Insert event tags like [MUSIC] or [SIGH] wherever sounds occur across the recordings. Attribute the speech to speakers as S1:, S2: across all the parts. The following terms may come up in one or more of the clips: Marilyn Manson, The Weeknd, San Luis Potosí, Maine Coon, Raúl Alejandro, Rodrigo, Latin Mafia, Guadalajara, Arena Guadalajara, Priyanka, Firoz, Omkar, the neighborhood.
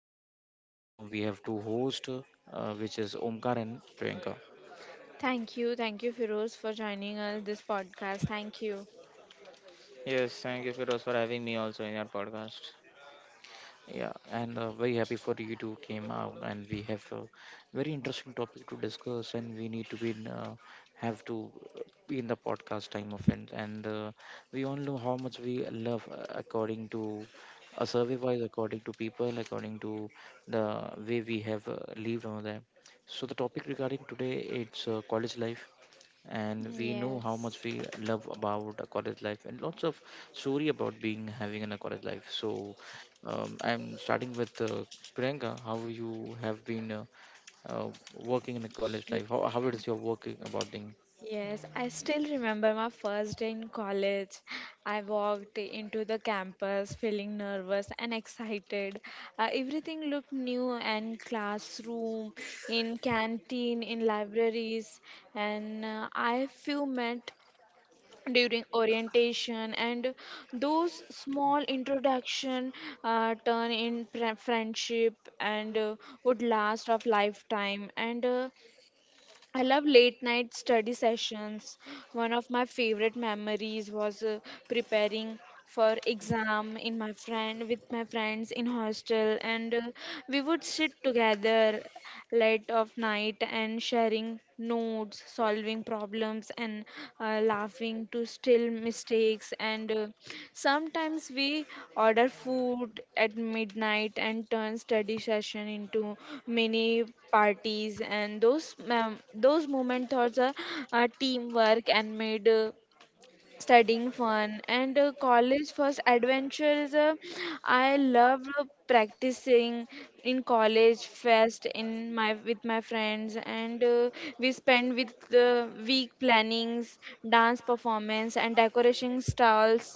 S1: podcast. Right now we have two hosts, which is Omkar and Priyanka.
S2: Thank you. Thank you, Firoz, for joining us this podcast. Thank you.
S3: Yes, thank you, Firoz, for having me also in your podcast.
S1: Yeah, and very happy for you two came out, and we have a very interesting topic to discuss, and we need to be in, have to be in the podcast time of it, and we all know how much we love according to a survey wise, according to people, according to the way we have lived on there. So the topic regarding today it's college life, and we know how much
S2: Yes.
S1: we love about a college life and lots of story about being having in a college life. So I'm starting with Priyanka, how you have been working in a college
S2: Ye-
S1: life, how it is your working about thing.
S2: Yes, I still remember my first day in college. I walked into the campus feeling nervous and excited. Everything looked new and classroom, in canteen, in libraries, and I few met during orientation, and those small introduction turn in friendship and would last of lifetime. And I love late night study sessions. One of my favorite memories was preparing for exam in my friend with my friends in hostel, and we would sit together late of night and sharing notes, solving problems, and laughing to still mistakes. And sometimes we order food at midnight and turn study session into mini parties, and those moment thoughts are teamwork and made. Studying fun and college first adventures. I love practicing in college fest in my with my friends, and we spend with the week plannings, dance performance, and decoration stalls.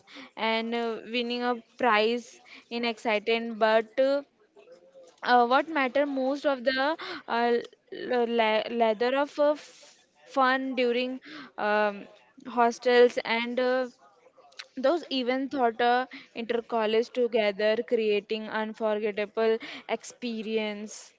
S2: And winning a prize in exciting, but what matter most of the uh, leather of fun during um, hostels. And those even thought intercollege together, creating unforgettable experience.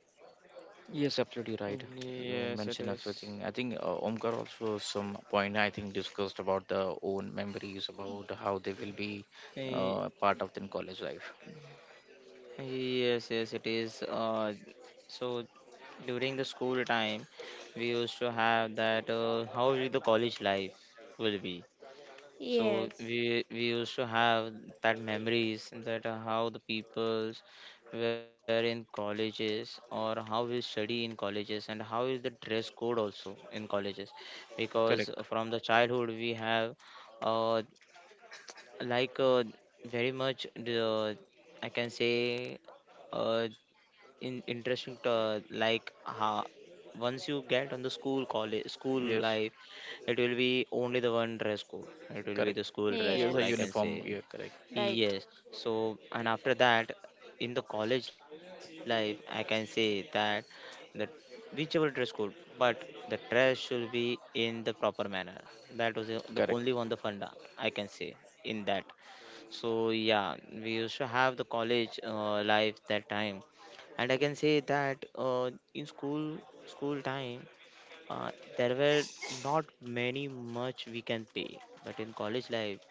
S1: Yes, absolutely right. You
S3: Yes, it
S1: mentioned
S3: is.
S1: everything. I think Omkar also some point I think discussed about the own memories about how they will be
S3: Y-
S1: part of the college life.
S3: Yes, yes, it is. So during the school time, we used to have that, how will the college life will be. So
S2: Yes.
S3: we used to have that memories, that how the peoples were in colleges, or how we study in colleges, and how is the dress code also in colleges, because
S1: Correct.
S3: from the childhood we have, uh, like, very much the, I can say, uh, in interesting to, like, how once you get on the school college school
S1: Yes.
S3: life, it will be only the one dress code. It will be the
S1: Correct.
S3: school dress
S1: Yes,
S3: code,
S1: a
S3: I can
S2: Yes.
S1: uniform.
S3: say.
S1: Yeah, correct.
S2: Right.
S3: Yes. So and after that, in the college life, I can say that whichever dress code, but the dress should be in the proper manner. That was the only
S1: Correct.
S3: one, the funda, I can say, in that. So yeah, we used to have the college life that time. And I can say that, in school time, uh, there were not many much we can pay. But in college life,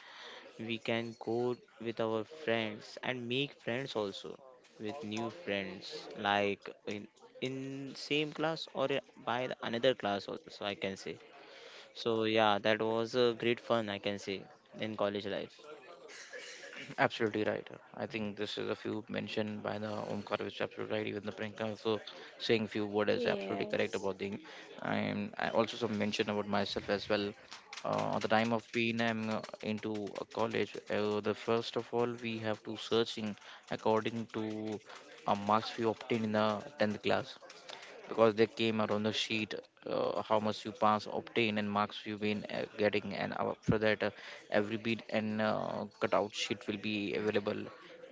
S3: we can go with our friends and make friends also, with new friends, like in in same class, or by the another class also, I can say. So yeah, that was a great fun, I can say, in college life.
S1: Absolutely right. I think this is a few mentioned by the Omkar, which is absolutely right. Even the Priyanka also saying few words is absolutely correct
S2: Yes.
S1: about the. And I also some mention about myself as well. At the time of being I'm into a college, the first of all we have to searching according to a marks we obtain in the tenth class because they came out on the sheet, how much you pass obtain and marks you been getting. And after that every beat and cutout sheet will be available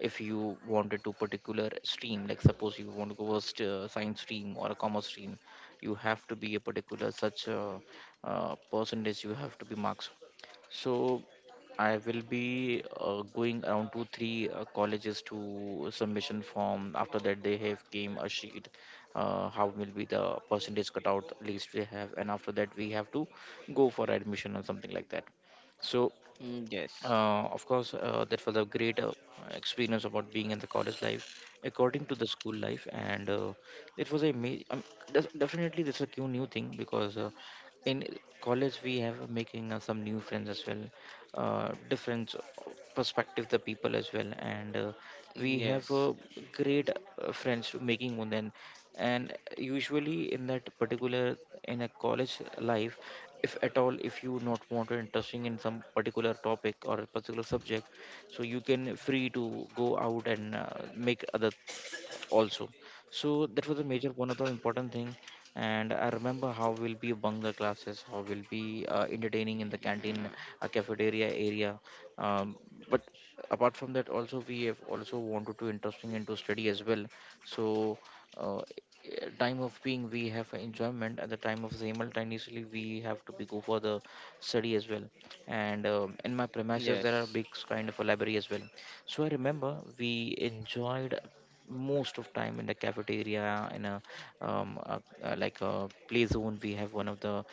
S1: if you wanted to particular stream, like suppose you want to go a science stream or a commerce stream, you have to be a particular such percentage you have to be marks. So I will be going around to three colleges to submission form. After that, they have came a sheet, how will be the percentage cutout list we have, and after that we have to go for admission or something like that. So
S3: Mm, yes,
S1: of course that was a great experience about being in the college life according to the school life, and it was a definitely this is a new new thing because in college we have making some new friends as well, different perspective the people as well, and we have
S3: yes.
S1: great friends making undan. And usually in that particular, in a college life, if at all if you not want to interesting in some particular topic or a particular subject, so you can free to go out and make other also. So that was a major one of the important thing. And I remember how we'll be among the classes, how we'll be entertaining in the canteen,
S3: Yeah.
S1: cafeteria area. um, but apart from that also, we have also wanted to interesting into study as well. So uh, time of being we have enjoyment at the time of simultaneously we have to be go for the study as well. And in my premises there
S3: Yes,
S1: are big kind of a library as well. So I remember we enjoyed most of time in the cafeteria, in a, like a play zone we have one of the,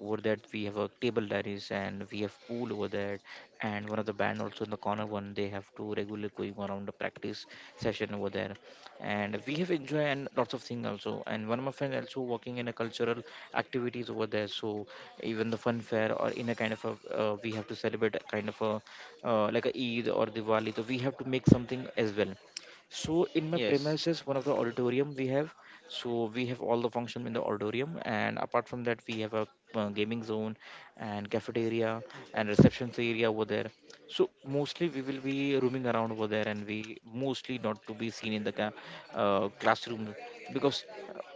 S1: over that we have a table diaries and we have pool over there. And one of the band also in the corner one, they have to regularly going around the practice session over there. And we have enjoyed and lots of things also. And one of my friend also working in a cultural activities over there. So even the fun fair or in a kind of a we have to celebrate a kind of a like a Eid or Diwali, so we have to make something as well. So in my
S3: yes.
S1: premises, one of the auditorium we have. So we have all the function in the auditorium, and apart from that, we have a gaming zone and cafeteria and receptions area over there. So mostly we will be roaming around over there, and we mostly not to be seen in the classroom because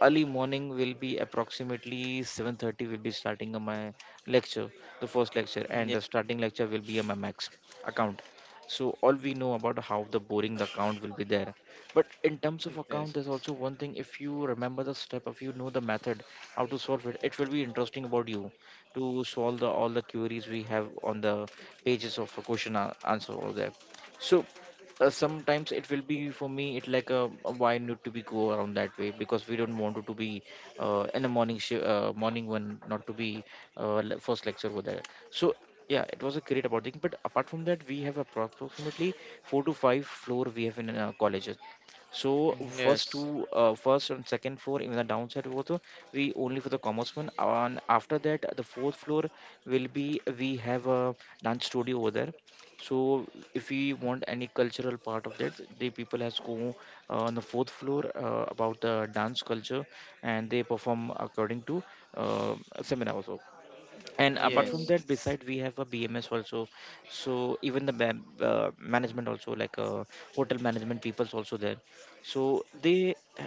S1: early morning will be approximately 7:30 will be starting my lecture, the first lecture. And the starting lecture will be a my max account. So all we know about how the boring the account will be there. But in terms of account, there's
S3: Yes.
S1: also one thing, if you remember the step, if you know the method how to solve it, it will be interesting about you to solve the, all the queries we have on the pages of a answer over there. So sometimes it will be for me it like a, why need to be go around that way, because we don't want it to be in the morning one not to be first lecture over there. So yeah, it was a great about thing. But apart from that, we have approximately four to five floor we have in our colleges. So
S3: Mm.
S1: first
S3: Yes.
S1: two, first and second floor in the downside was we only for the commerce one. And after that, the fourth floor will be we have a dance studio over there. So if we want any cultural part of that, the people has go on the fourth floor about the dance culture, and they perform according to a seminar also. And apart from
S3: Yes.
S1: that,
S2: Yes.
S1: beside we have a BMS also. So even the management also, like hotel management people's also there. So they,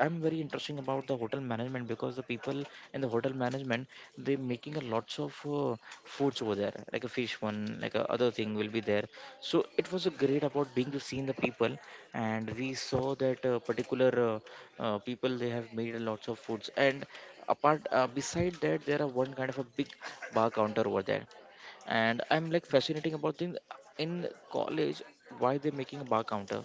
S1: I'm very interesting about the hotel management, because the people in the hotel management, they making a lots of foods over there, like a fish one, like a other thing will be there. So it was a great about being to seeing the people. And we saw that particular people, they have made a lots of foods. And apart beside that, there are one kind of a big bar counter over there. And I'm like fascinating about things in college, why they're making a bar counter.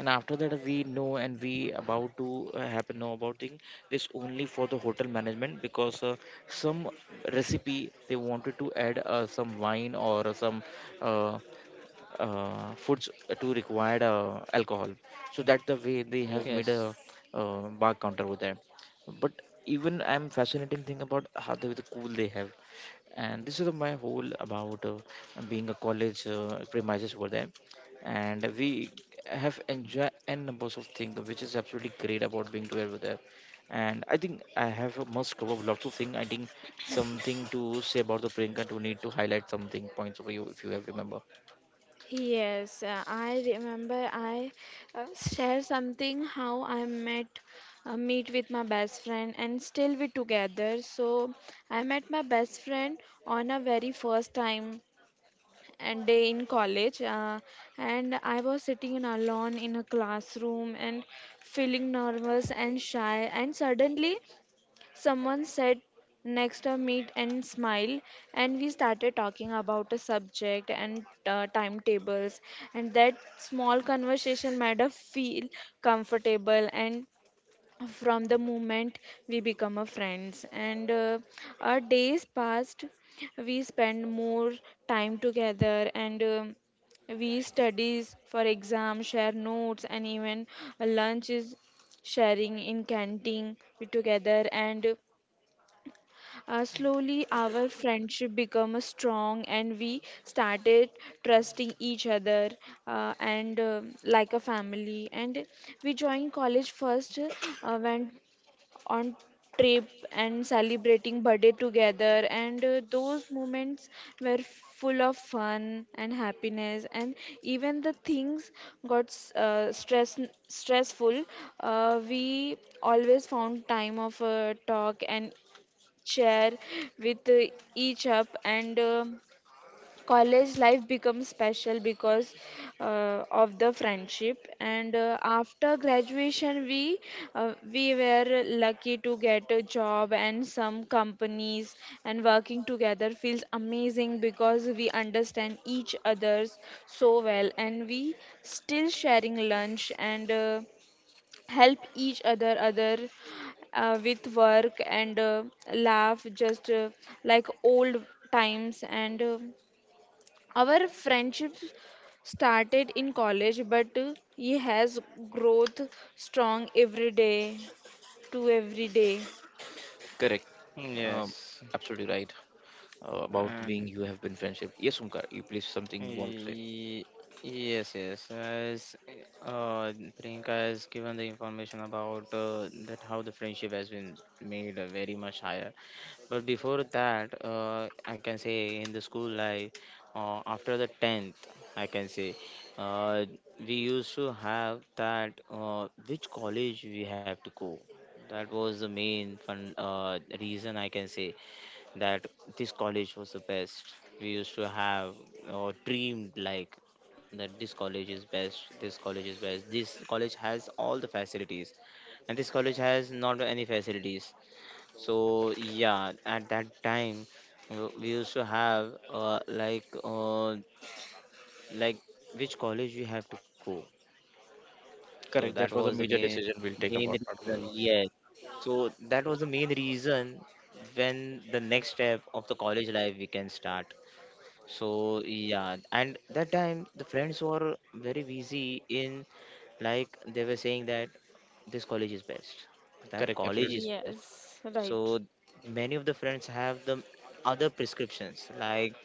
S1: And after that we know, and we about to happen know about thing, this only for the hotel management, because some recipe they wanted to add some wine or some uh, foods to required alcohol. So that the way they have made
S3: Yes.
S1: a
S2: Yes.
S1: bar counter over there. But even I'm fascinating thing about how they the cool they have. And this is my whole about being a college premises over there. And we have enjoy n numbers of things, which is absolutely great about being to over there. And I think I have a must cover lots of things. I think something to say about the Priyanka, to need to highlight something points over you if you have remember.
S2: Yes, I remember I shared something how I met meet with my best friend, and still we together. So I met my best friend on a very first time and day in college, and I was sitting in alone in a classroom and feeling nervous and shy. And suddenly someone said next to meet and smile, and we started talking about a subject and timetables. And that small conversation made us feel comfortable, and from the moment we become a friends. And our days passed, we spend more time together. And we studies for exam, share notes, and even lunch is sharing in canteen we together. And slowly our friendship become strong, and we started trusting each other and like a family. And we joined college first when on trip and celebrating birthday together. And those moments were full of fun and happiness. And even the things got stressful, we always found time of talk and share with each up. And college life becomes special because of the friendship. And after graduation we were lucky to get a job and some companies, and working together feels amazing because we understand each others so well. And we still sharing lunch and help each other with work and laugh just like old times. And our friendship started in college, but he has growth strong every day to every day.
S1: Correct. Um,
S3: Yes.
S1: Absolutely right about the
S3: And
S1: being you have been friendship. Yes, Umkar, you please something want to say.
S3: Y- Yes, yes. As, uh, Priyanka has given the information about, that how the friendship has been made, very much higher. But before that, I can say in the school life, after the tenth, I can say, uh, we used to have that, which college we have to go. That was the main fun reason, I can say, that this college was the best. We used to have, or dreamed like, that this college is best, this college is best, this college has all the facilities, and this college has not any facilities. So, yeah, at that time, we used to have, like which college we have to go. So that
S1: Correct. That
S3: was
S1: was
S3: the
S1: a major
S3: main
S1: decision we'll take
S3: main
S1: about part of.
S3: reason.
S1: Uh,
S3: Yes. So that was the main reason when the next step of the college life we can start. So yeah, and that time the friends were very busy in, like, they were saying that this college is best, that
S1: correct. Absolutely.
S3: college is best.
S2: Yes, right.
S3: So many of the friends have the other prescriptions, like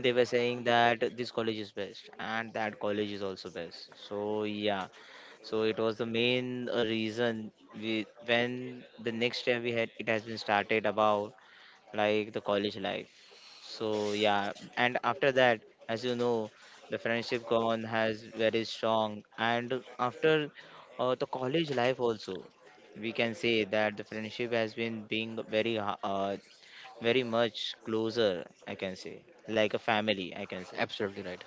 S3: they were saying that this college is best, and that college is also best. So yeah, so it was the main reason, we when the next year we had, it has been started about, like, the college life. So yeah. And after that, as you know, the friendship gone has very strong. And after, the college life also, we can say that the friendship has been being very very much closer. I can say, like a family, I can say.
S1: Absolutely right.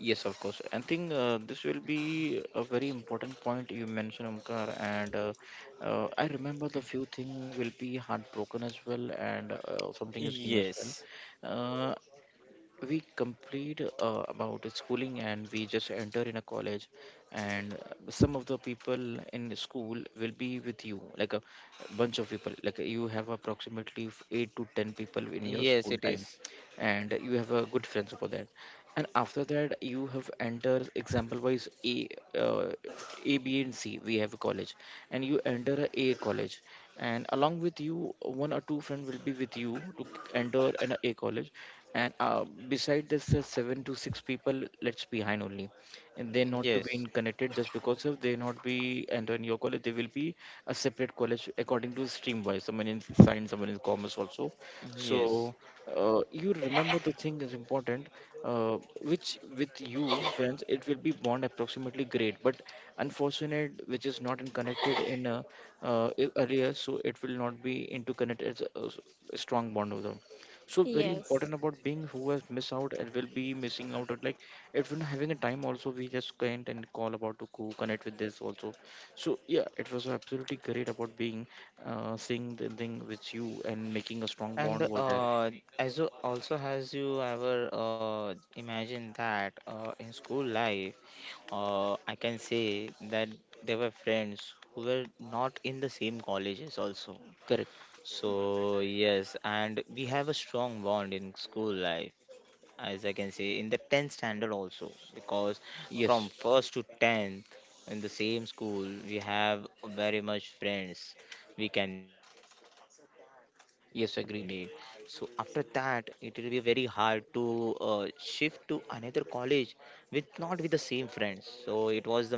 S1: Yes, of course. I think this will be a very important point you mentioned, Omkar. And I remember the few thing will be heartbroken as well, and something is new as well.
S3: Yes,
S1: Uh, we complete about the schooling, and we just enter in a college. And some of the people in the school will be with you, like a bunch of people, like you have approximately 8 to 10 people in your
S3: yes,
S1: school
S3: it
S1: time,
S3: is.
S1: and you have a good friends about that. And after that you have enter, example wise, a uh, a, b and c we have a college, and you enter a college, and along with you one or two friend will be with you to enter an a college. And beside this seven to six people let's behind only, and they not to be
S3: Yes,
S1: in connected just because of they not be entering your college. They will be a separate college according to stream wise, someone in science, someone in commerce also.
S3: yes.
S1: So you remember the thing is important, which with you friends it will be bond approximately great, but unfortunate which is not in connected in earlier, so it will not be into connected as a, a strong bond with them. So very
S2: Yes.
S1: important about being who has missed out and will be missing out at like, if we're not having a time also, we just can't and call about to connect with this also. So yeah, it was absolutely great about being seeing the thing with you and making a strong bond
S3: And,
S1: over there.
S3: as you also has, you ever imagined that, in school life, I can say that they were friends who were not in the same colleges also.
S1: Correct.
S3: So yes, and we have a strong bond in school life, as I can say, in the 10th standard also, because from
S1: Yes.
S3: first to 10th in the same school, we have very much friends we can meet. So after that, it
S1: Yes,
S3: will be
S1: agreed.
S3: very hard to shift to another college, with not with the same friends. So it was the main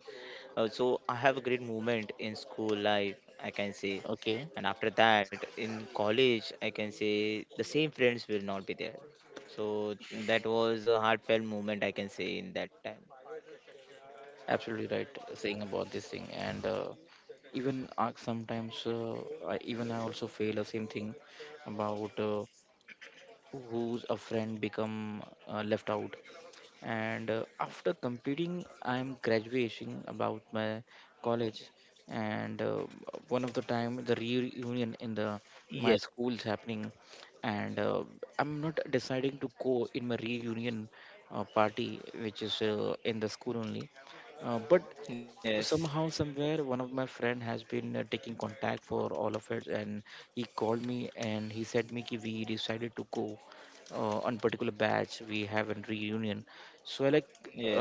S3: so I have a great moment in school life, I can say,
S1: Okay.
S3: and after that in college, I can say the same friends will not be there. So that was a heartfelt moment, I can say, in that time.
S1: Absolutely right saying about this thing. And even sometimes, I, even I also feel the same thing about who's a friend become left out, and after completing I am graduating about my college. And one of the time the reunion in the my
S3: Yes,
S1: school is happening, and I'm not deciding to go in my reunion party, which is in the school only, but
S3: yes,
S1: somehow somewhere one of my friend has been taking contact for all of it, and he called me and he said me ki we decided to go on particular batch we have a reunion. So I like,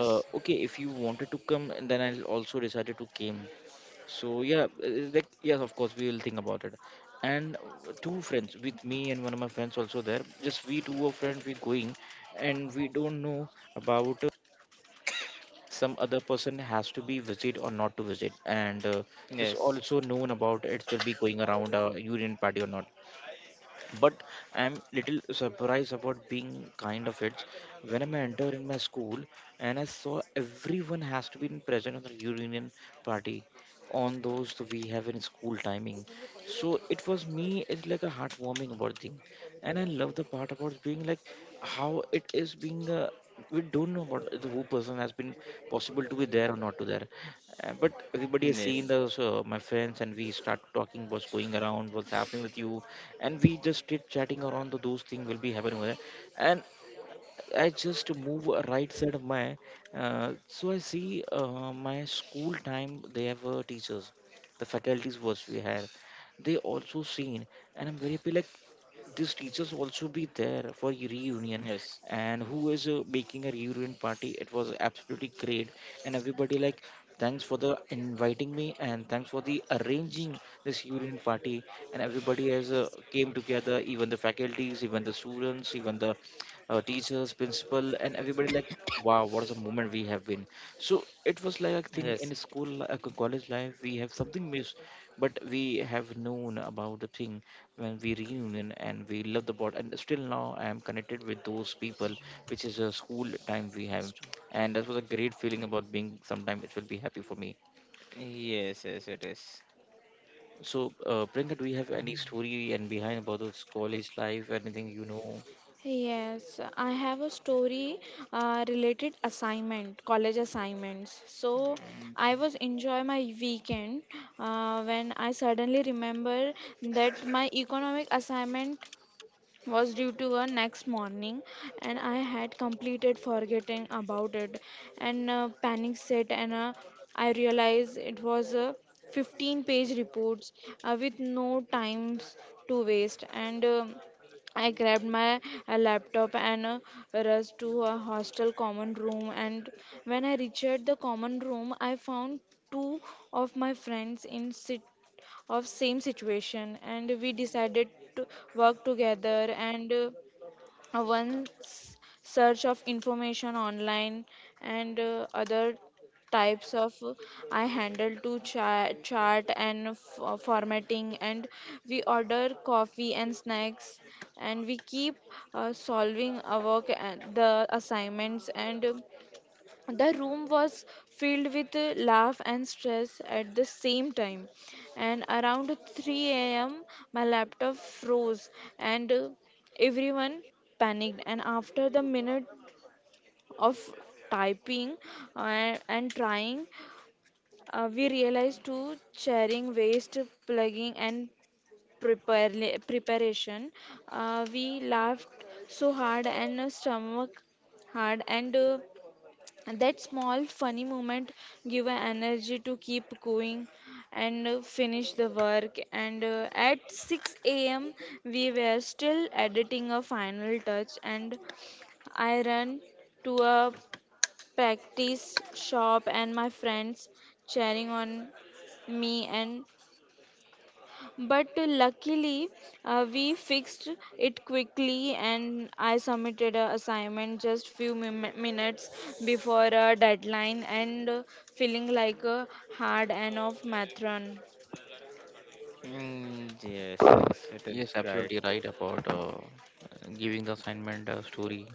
S1: okay, if you wanted to come, and then I also decided to came. So yeah, like yes of course we will think about it. And two friends with me and one of my friends also there, just we two of friends we going, and we don't know about some other person has to be visit or not to visit. And this
S3: yes,
S1: also known about it will be going around a union party or not, but I'm little surprised about being kind of it when I enter in my school, and I saw everyone has to be in present on the union party on those that we have in school timing. So it was me, it's like a heartwarming about thing, and I love the part about being like how it is being, we don't know what the who person has been possible to be there or not to there, but everybody has seen
S3: yes,
S1: those, my friends, and we start talking, what's going around, what's happening with you. And we just chit chatting around the, those things will be happening over there. And I just move right side of my, so I see my school time. They have teachers, the faculties was we had. They also seen, and I'm very happy. Like, these teachers
S3: yes,
S1: also be there for your reunion, and who is making a reunion party? It was absolutely great, and everybody like thanks for the inviting me and thanks for the arranging this reunion party. And everybody has came together, even the faculties, even the students, even the teachers, principal, and everybody like, wow, what is a moment we have been. So it was like I
S3: yes,
S1: think in school, college life, we have something missed, but we have known about the thing when we reunion, and we love the board. And still now I am connected with those people, which is a school time we have, and that was a great feeling about being. Sometime it will be happy for me.
S3: yes, yes, it is.
S1: So, Priyanka, do you have any
S3: Mm,
S1: story and behind about those college life, anything you know?
S2: Yes, I have a story related assignment, college assignments. So I was enjoy my weekend when I suddenly remember that my economic assignment was due to a next morning, and I had completed forgetting about it. And panic set. And I realized it was a 15-page reports with no times to waste. And I grabbed my laptop and rushed to a hostel common room. And when I reached the common room, I found two of my friends in sit of same situation, and we decided to work together. And one search of information online, and other types of I handle to chart and formatting. And we order coffee and snacks, and we keep solving our the assignments. And the room was filled with laugh and stress at the same time. And around 3 a.m., my laptop froze, and everyone panicked. And after the minute of typing and trying, we realized to sharing waste, plugging, and preparation. We laughed so hard, and stomach hard. And and that small funny moment give a energy to keep going and finish the work. And at 6 a.m. we were still editing a final touch, and I ran to a practice shop, and my friends cheering on me. And but luckily, we fixed it quickly, and I submitted a assignment just few minutes before a deadline, and feeling like a hard and of matron.
S3: mm, mm. Yes, yes, it is
S1: Yes,
S3: right.
S1: absolutely right about giving the assignment story.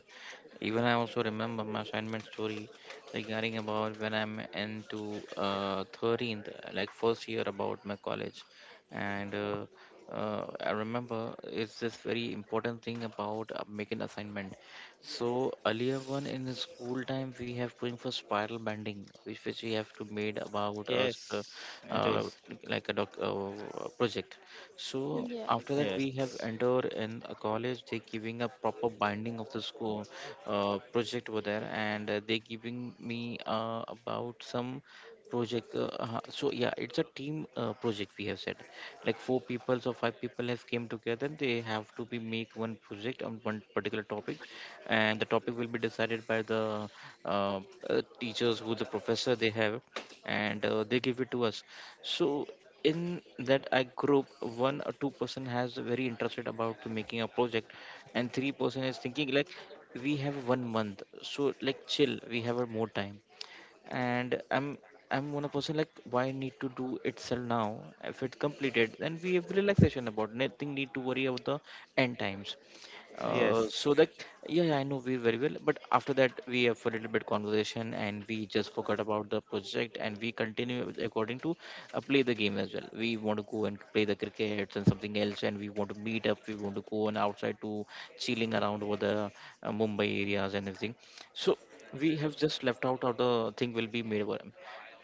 S1: Even I also remember my assignment story regarding about when I'm into 13th, like first year about my college, and I remember it's this very important thing about making assignment. So earlier one in the school time we have going for spiral bending, which we have to made about us,
S3: Yes, it
S1: uh,
S3: is.
S1: like a doc project. So
S2: Yes.
S1: after that, we
S3: Yes,
S1: have entered in a college. They giving a proper binding of the school project over there, and they giving me about some project. So yeah, it's a team project. We have said like four people or five people have came together. They have to be make one project on one particular topic, and the topic will be decided by the uh, teachers who the professor they have, and they give it to us. So in that I group, one or two-person has very interested about to making a project, and three person is thinking like we have one month, so like chill, we have a more time, and I'm one person like why need to do itself now, if it's completed then we have relaxation about nothing need to worry about the end times.
S3: yes,
S1: So that yeah, yeah, I know we very well. But after that we have a little bit conversation and we just forgot about the project, and we continue according to play the game as well, we want to go and play the crickets and something else, and we want to meet up, we want to go and outside to chilling around over the Mumbai areas and everything. So we have just left out of the thing will be made midterm,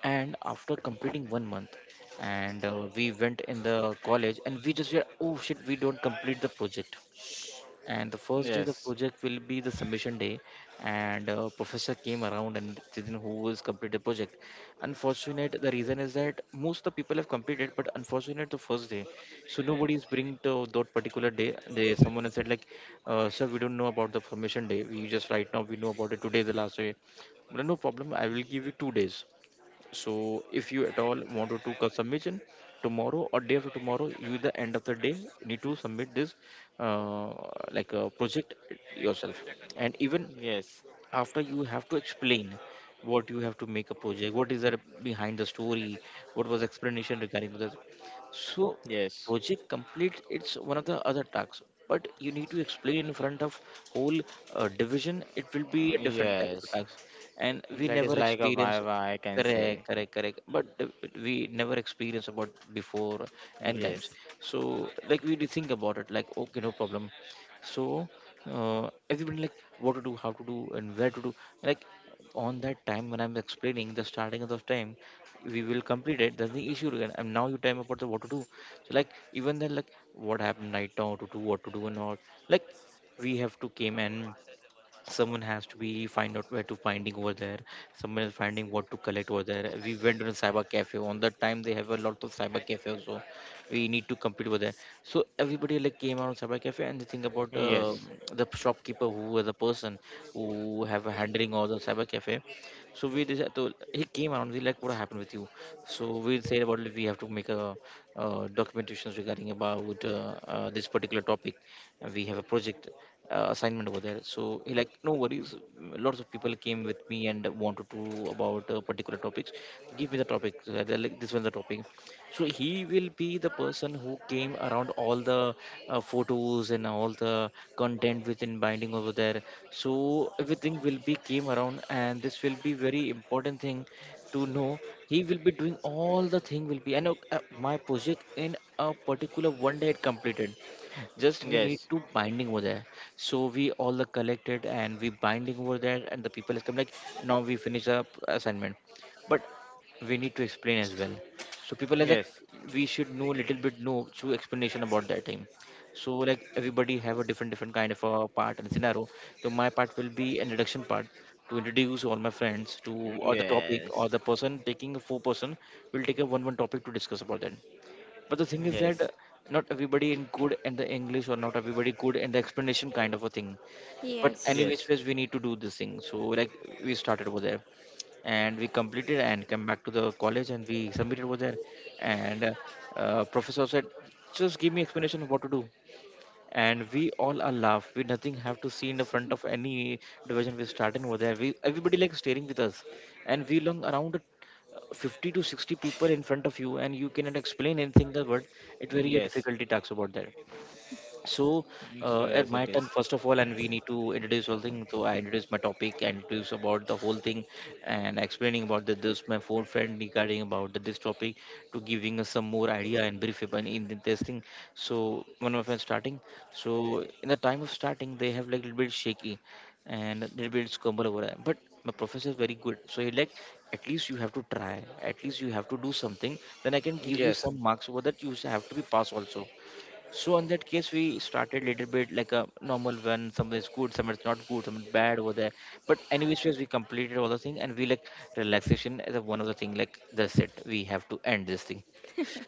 S1: and after completing one month, and we went in the college and we just were, oh shit, we don't complete the project, and the first day the
S3: yes.
S1: project will be the submission day. And professor came around and then who has completed the project, unfortunate, the reason is that most of the people have completed, but unfortunate the first day, so nobody is bring to that particular day. They someone has said like, sir, we don't know about the submission day, we just right now we know about it, today is the last day. Well, no problem, I will give you 2 days, so if you at all wanted to submission tomorrow or day after tomorrow, you the end of the day need to submit this uh, like a project yourself. And even
S3: Yes.
S1: after you have to explain what you have to make a project, what is there behind the story, what was explanation regarding that. So
S3: Yes.
S1: project complete it's one of the other tasks, but you need to explain in front of whole division, it will be a different kind of
S3: Yes.
S1: a task, and we
S3: That is
S1: never
S3: like a
S1: experience.
S3: vibe, I can say.
S1: Correct, correct, correct, but we never experience about before and times.
S3: Yes.
S1: So like we did think about it like, okay, no problem. So everybody like what to do, how to do, and where to do, like on that time when I'm explaining the starting of the time we will complete it, that's the issue again, and now you tell me about the what to do. So like even then like what happened, night down to do, what to do, and all, like we have to came, and someone has to be find out where to finding over there, someone is finding what to collect over there. We went to a cyber cafe, on that time they have a lot of cyber cafe also, we need to compete over there. So everybody like
S3: Yes.
S1: came out on cyber cafe, and they think about the shopkeeper who was a person who have a handling all the cyber cafe. So we decided to he came around, we like what happened with you. So we said about it, we have to make a documentations regarding about this particular topic, and we have a project assignment over there. So he like no worries, lots of people came with me and wanted to about particular topics, give me the topic, they're like this one's the topic. So he will be the person who came around all the photos and all the content within binding over there. So everything will be came around, and this will be very important thing to know, he will be doing all the thing will be, I know my project in a particular one day it completed, just we need
S3: Yes.
S1: to binding over there. So we all are collected and we binding over there, and the people is come like, now we finish up assignment, but we need to explain as well. So people are like,
S3: Yes.
S1: we should know little bit know through explanation about that time. So like everybody have a different different kind of a part and scenario. So my part will be introduction part to introduce all my friends to or the topic or
S3: Yes.
S1: the person taking a four-person will take a one topic to discuss about that but the thing is that
S3: Yes.
S1: not everybody in good in the english or not everybody good in the explanation kind of a thing but
S2: Yes.
S1: anyways
S3: Yes.
S1: ways we need to do this thing so like we started over there and we completed and came back to the college and we submitted over there and professor said just give me explanation of what to do and we all are laugh we nothing have to see in the front of any division we starting over there we everybody like staring with us and we long around 50 to 60 people in front of you and you cannot explain anything the word it very a
S3: Yes.
S1: difficulty talks about that so
S3: So
S1: at
S3: yes,
S1: my
S3: it is.
S1: turn first of all and we need to introduce whole thing so I introduce my topic and introduce about the whole thing and explaining about this my phone friend regarding about this topic to giving us some more idea and brief upon in the this thing. So one of my friends starting, so in the time of starting they have like little bit shaky and a little bit stumble over it. But my professor is very good so he like at least you have to try, at least you have to do something, then I can give you
S3: Yes.
S1: some marks over that, you have to be pass also. So on that case, we started little bit like a normal one. Some is good, some is not good, some is bad over there. But anyways, yes, we completed all the thing, and we like relaxation as a one of the thing. Like that's it, we have to end this thing.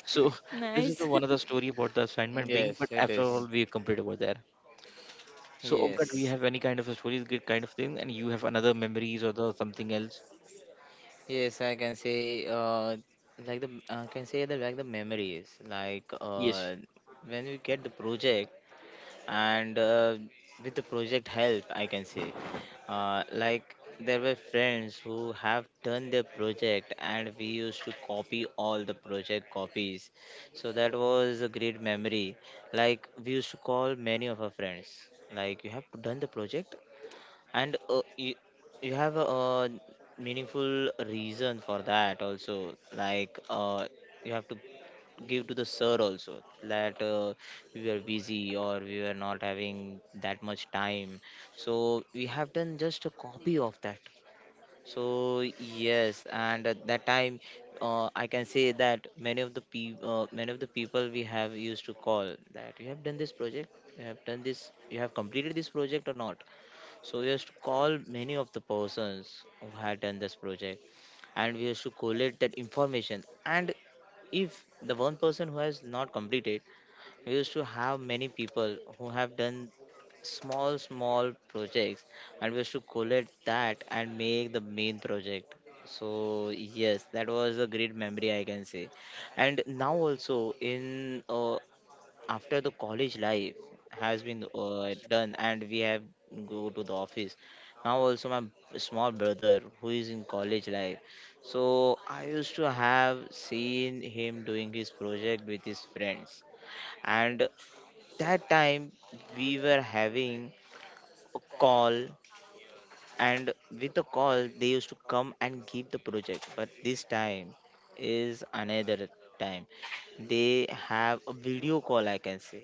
S1: So [LAUGHS] this is the
S2: Nice.
S1: one of the
S2: [LAUGHS]
S1: story about the assignment being.
S3: Yes,
S1: But
S3: it
S1: after all,
S3: is.
S1: we completed over there. So Omkar, do you
S3: Yes.
S1: have any kind of a stories, good kind of thing, and you have another memories or the something else?
S3: Yes, I can say, like the, I can say that, like, the memories, like,
S1: Yes.
S3: when we get the project, and, with the project help, I can say, like there were friends who have done their project, and we used to copy all the project copies. So that was a great memory. Like we used to call many of our friends, like, you have done the project, and, you, have a meaningful reason for that also, like, you have to give to the sir also, that, we were busy, or we were not having that much time, so we have done just a copy of that. So yes, and at that time, I can say that many of the many of the people we have used to call, that you have done this project, you have done this, you have completed this project or not. So we used to call many of the persons who had done this project, and we used to collect that information. And if the one person who has not completed, we used to have many people who have done small, small projects, and we used to collect that and make the main project. So yes, that was a great memory, I can say. And now also, in, after the college life has been, done, and we have go to the office, now also my small brother who is in college life, so I used to have seen him doing his project with his friends. And that time we were having a call, and with the call they used to come and give the project, but this time is another time, they have a video call, I can say.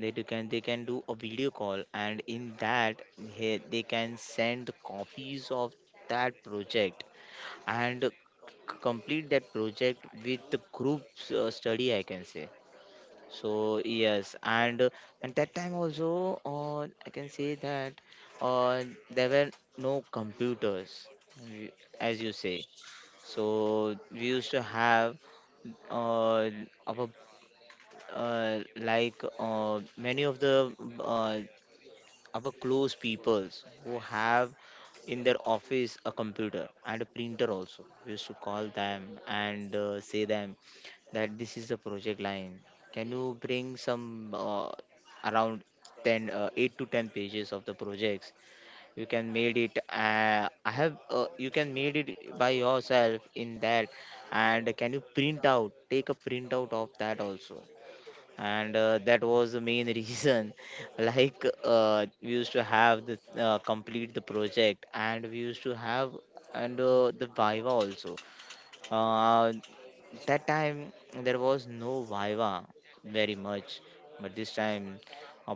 S3: They can do a video call, and in that they can send the copies of that project, and complete that project with the group study, I can say. So yes, and and that time also, I can say that, uh, there were no computers, we- as you say. So we used to have, uh, of a, like, many of the, uh, our close peoples who have in their office a computer and a printer also, we used to call them and, say them, that this is the project line. Can you bring some, around 10, 8 to 10 pages of the projects? You can made it, I have, you can made it by yourself in that. And can you print out, take a printout of that also? And, that was the main reason, [LAUGHS] like, we used to have the, complete the project. And we used to have, and, the viva also. Uh, that time there was no viva very much, but this time,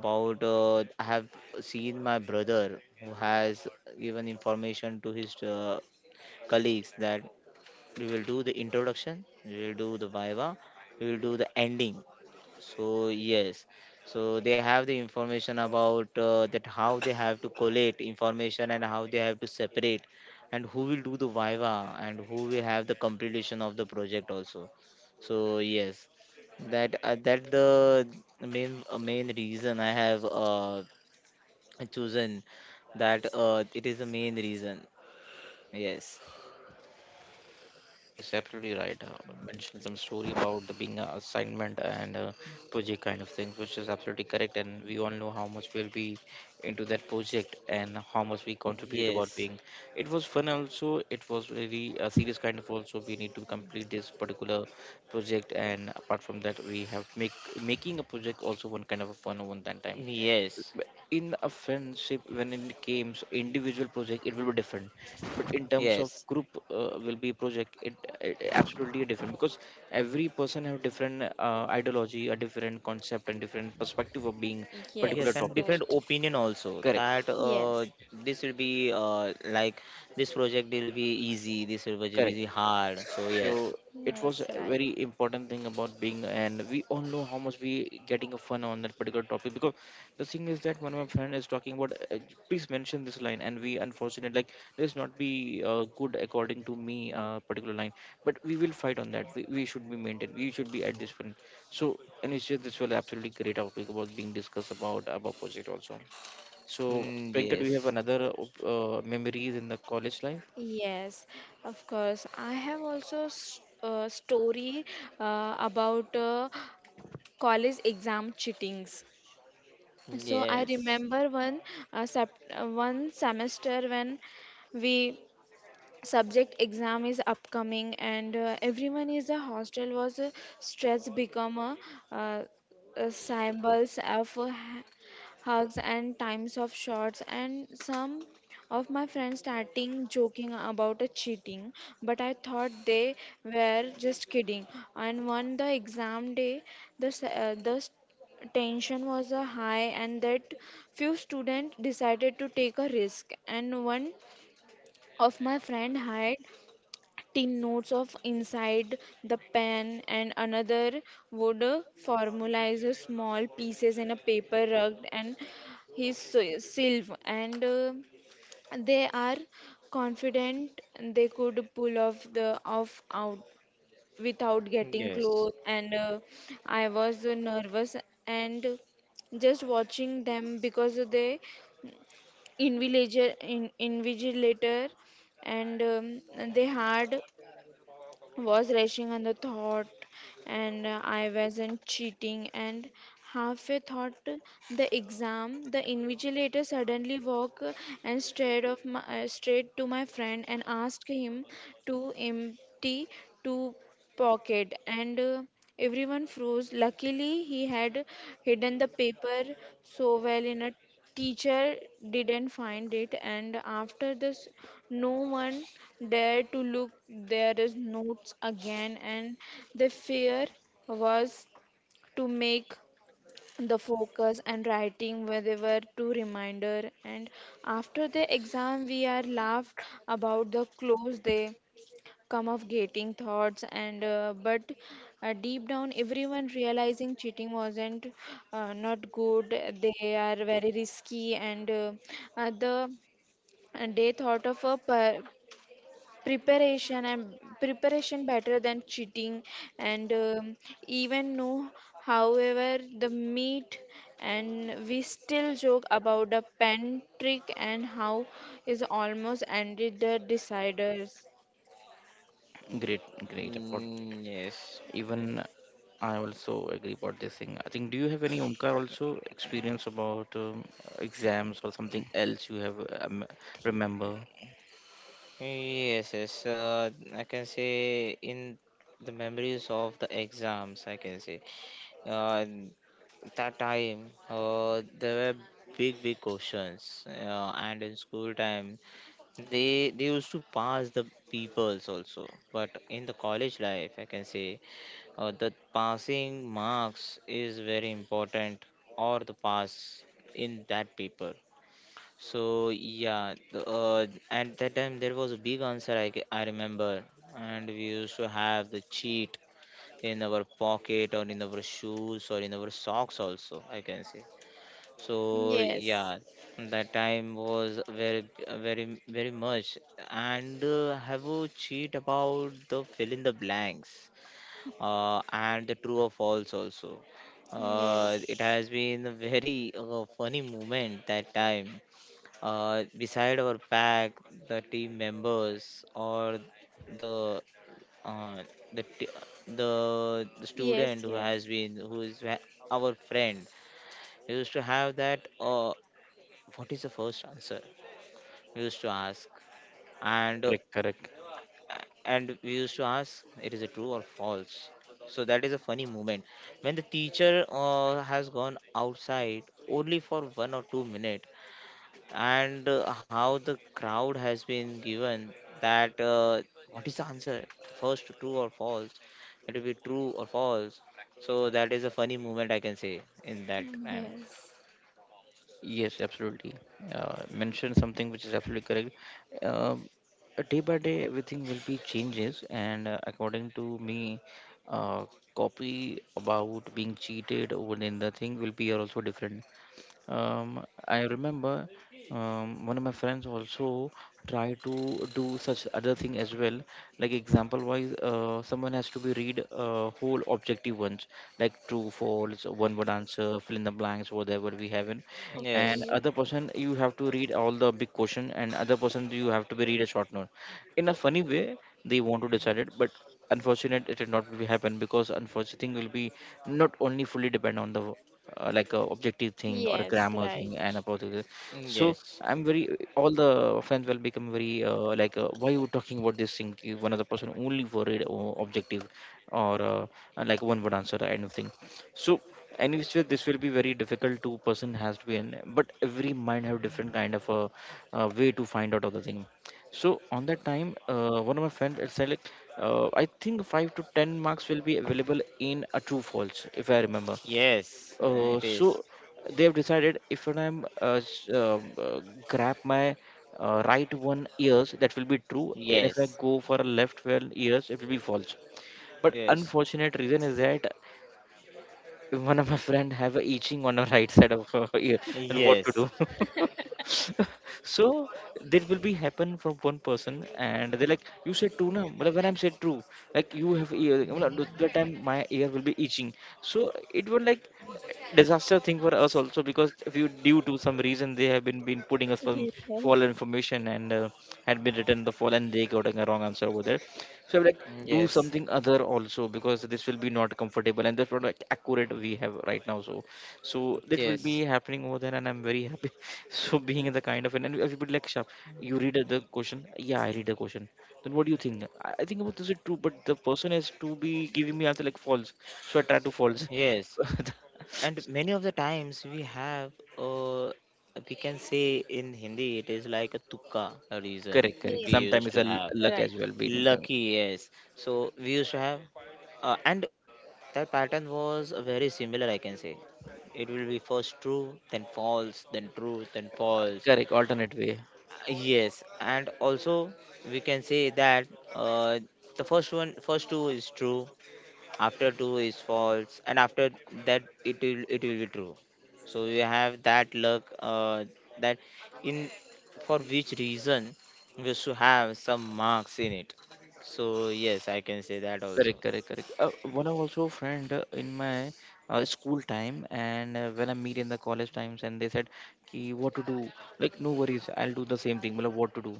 S3: about, I have seen my brother who has given information to his, colleagues, that we will do the introduction, we will do the viva, we will do the ending. So yes, so they have the information about, that how they have to collect information, and how they have to separate, and who will do the viva, and who will have the completion of the project also. So yes, that, that the main reason I have, chosen, that, it is the main reason. Yes,
S1: Yes, absolutely right. Mentioned some story about the being a assignment and project kind of things, which is absolutely correct. And we all know how much we'll be into that project and how much we contribute about
S3: yes,
S1: being. It was fun also. It was really a serious kind of also. We need to complete this particular project, and apart from that, we have make making a project also one kind of a fun one that time.
S3: yes,
S1: But in a friendship, when it comes individual project, it will be different. But in terms of
S3: yes.
S1: group, will be project, it absolutely different because every person have different ideology, a different concept, and different perspective of being particular
S3: Yes,
S2: Yes.
S3: and
S1: topics.
S3: different
S2: Right.
S3: opinion also,
S1: Correct,
S3: that,
S2: Yes.
S3: this will be, like, this project will be easy, this will be
S1: correct.
S3: be hard. So yes.
S1: So it was
S2: Yes.
S1: a
S2: Right.
S1: very important thing about being and we all know how much we getting a fun on that particular topic because the thing is that one of my friend is talking about please mention this line and we unfortunate like this not be good according to me particular line but we will fight on that we should be maintained we should be at this point so and it's just this was absolutely great topic about being discussed about project also. So
S3: Mm,
S1: Priyanka do
S3: yes,
S1: you have another memories in the college life?
S2: Yes, of course. I have also a story about college exam cheatings. So I
S3: yes,
S2: remember one semester when we subject exam is upcoming, and everyone is the hostel was stress become a, uh, symbols of hugs and times of shots. And some of my friends starting joking about a cheating, but I thought they were just kidding. And one the exam day, the tension was high. And that few students decided to take a risk, and one of my friend hide taking notes of inside the pen, and another would formalize a small pieces in a paper rug and his sylve. And they are confident they could pull off the off out without getting
S3: yes.
S2: close. And I was nervous and just watching them because they invigilator. And they had was rushing on the thought. And I wasn't cheating. And halfway thought the exam, the invigilator suddenly walked and stared of my, straight to my friend, and asked him to empty two pocket. And everyone froze. Luckily, he had hidden the paper so well in a teacher didn't find it. And after this, no one dared to look their notes again, and the fear was to make the focus and writing where they were to reminder. And after the exam, we are laughed about the clothes they come of gating thoughts. And but deep down, everyone realizing cheating wasn't not good, they are very risky. And the and they thought of a preparation and preparation better than cheating. And even know, however the meat, and we still joke about the pen trick and how is almost ended the deciders.
S1: Great, great about,
S3: Mm, yes,
S1: even I also agree about this thing. I think, do you have any Omkar also experience about exams or something else you have remember?
S3: yes, yes. I can say, in the memories of the exams, I can say, uh, that time, there were big big questions, and in school time, they used to pass the peoples also. But in the college life, I can say, the passing marks is very important, or the pass in that paper. So yeah, the, at that time there was a big answer, I remember. And we used to have the cheat in our pocket, or in our shoes, or in our socks also, I can say. So
S2: Yes.
S3: yeah, that time was very, very, very much. And, have you cheat about the fill in the blanks, and the true or false also. Uh,
S2: Yes.
S3: it has been a very funny moment that time. Beside our pack, the team members or the uh, the t- the student
S2: Yes,
S3: who
S2: yes.
S3: has been who is ha- our friend used to have that what is the first answer we used to ask and uh,
S1: Correct, correct.
S3: and we used to ask it is a true or false. So that is a funny moment when the teacher has gone outside only for 1 or 2 minutes. And how the crowd has been given that what is the answer, first true or false, it will be true or false. So that is a funny moment, I can say, in that time.
S2: Yes.
S1: Yes, absolutely. Mentioned something which is absolutely correct. Um, Day by day, everything will be changes, and according to me, uh, copy about being cheated over in the thing will be also different. I remember one of my friends also tried to do such other thing as well. Like example wise, someone has to be read whole objective ones, like true, false, one word answer, fill in the blanks, whatever we have in. And
S3: Yes,
S2: Okay.
S1: other person you have to read all the big question, and other person you have to be read a short note. In a funny way, they want to decide it, but unfortunate it did not be happen because unfortunate thing will be not only fully depend on the like a objective thing or a
S2: Yes,
S1: grammar
S2: right.
S1: thing and about particular. So
S3: yes,
S1: I'm very, all the friends will become very like why you talking about this thing to one other person only worried or objective or and like one word answer kind of thing. So anyways so this will be very difficult to person has to be in but every mind have different kind of a, way to find out of the thing. So on that time one of my friends had said like I think 5 to 10 marks will be available in a true false if I remember.
S3: yes, it is.
S1: So they have decided if when I'm s- grab my right one ears, that will be true, and if I
S3: Yes,
S1: go for a left one ears, it will be false. But
S3: yes,
S1: unfortunate reason is that one of my friend have a itching on the right side of her ear and what to
S3: yes,
S1: do. [LAUGHS] So that will be happen from one person and they're like you said true, na. But when I'm said true, like you have ear मतलब that time my ear will be itching. So it was like disaster thing for us also because if you due to some reason they have been putting us some
S2: Yes.
S1: false information and had been written the false and they got a wrong answer over there. So I'm like, do
S3: yes,
S1: something other also because this will be not comfortable and that's what like accurate we have right now. So, so that will
S3: yes,
S1: be happening over there, and I'm very happy. [LAUGHS] So being in the kind of and everybody like sharp. You read the question, yeah, I read the question. Then what do you think? I think about this is true, but the person has to be giving me answer like false. So I try to false.
S3: yes.
S1: [LAUGHS]
S3: And many of the times we have, we can say in Hindi, it is like a tukka a reason
S1: Correct, correct.
S2: Yes.
S3: we
S1: Sometimes
S3: used
S1: it's
S3: to
S1: a
S3: have.
S1: luck
S2: Right.
S1: as well. Being
S3: Lucky, yes. So we used to have, and that pattern was very similar, I can say. It will be first true, then false, then true, then false.
S1: correct alternate way.
S3: Yes, and also we can say that uh, the first one, first two is true, after two is false, and after that it will be true. So you have that luck that in for which reason we should have some marks in it. So yes, I can say that also.
S1: Correct, correct, correct. One of also friend in my school time and when I meet in the college times and they said, "Ki what to do?" Like no worries, I'll do the same thing. Matlab, what to do?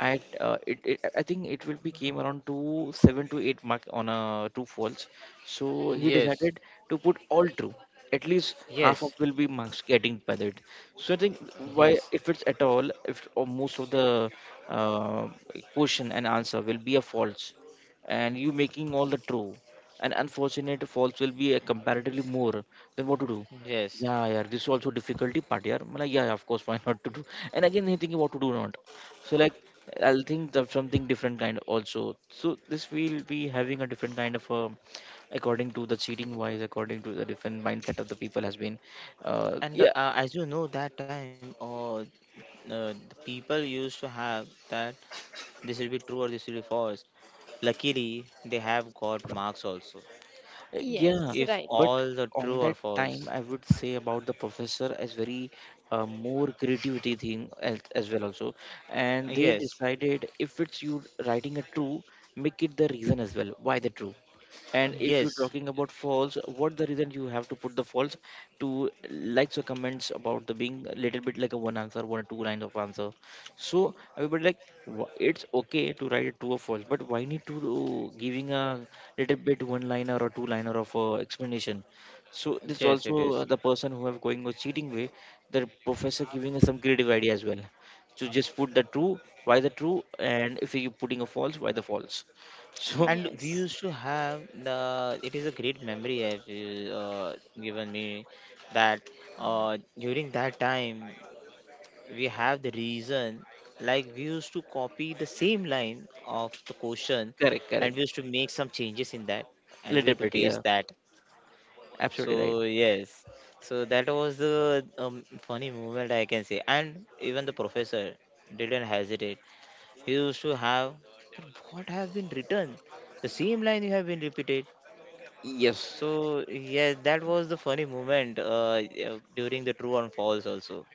S1: I it I think it will be came around to seven to eight mark on two false. So he
S3: Yes,
S1: decided to put all true. At least half of
S3: yes,
S1: will be marks getting by that. So I think why
S3: yes,
S1: if it's at all if or most of the uh, question and answer will be a false and you making all the true and unfortunate false will be a comparatively more then what to do.
S3: yes.
S1: Yeah, yeah, this is also difficulty part. Yeah I'm like, yeah yeah, of course why not to do and again they thinking what to do not. So like I'll think of something different kind also, so this will be having a different kind of according to the cheating wise according to the different mindset of the people has been
S3: And
S1: yeah.
S3: as you know, that time the people used to have that this will be true or this will be false. Luckily, they have got marks also.
S1: Yeah,
S2: Yes,
S3: If
S2: right.
S1: but
S3: all the true
S1: on
S3: or
S1: that time,
S3: false,
S1: I would say about the professor as very more creativity thing as well also, and they
S3: yes,
S1: decided if it's you writing a true, make it the reason as well why the true, and if you're
S3: yes,
S1: talking about false, what the reason you have to put the false, to likes or comments about the being a little bit like a one answer one or two lines of answer. So everybody like it's okay to write a true or false but why need to do giving a little bit one liner or two liner of explanation. So this
S3: yes, it
S1: also
S3: is.
S1: the person who have going or cheating way, the professor giving us some creative idea as well, so just put the true, why the true, and if you're putting a false, why the false. [LAUGHS] So
S3: And we
S2: Yes.
S3: used to have the. It is a great memory have you, given me that during that time we have the reason, like we used to copy the same line of the question
S1: correct,
S3: and
S1: correct,
S3: we used to make some changes in that and we
S1: little
S3: used to
S1: bit,
S3: paste
S1: yeah.
S3: that.
S1: Absolutely right.
S3: So yes, so that was the funny moment I can say, and even the professor didn't hesitate. He used to have, "But what have been written, the same line you have been repeated."
S1: Yes.
S3: So yeah, that was the funny moment yeah, during the true and false also.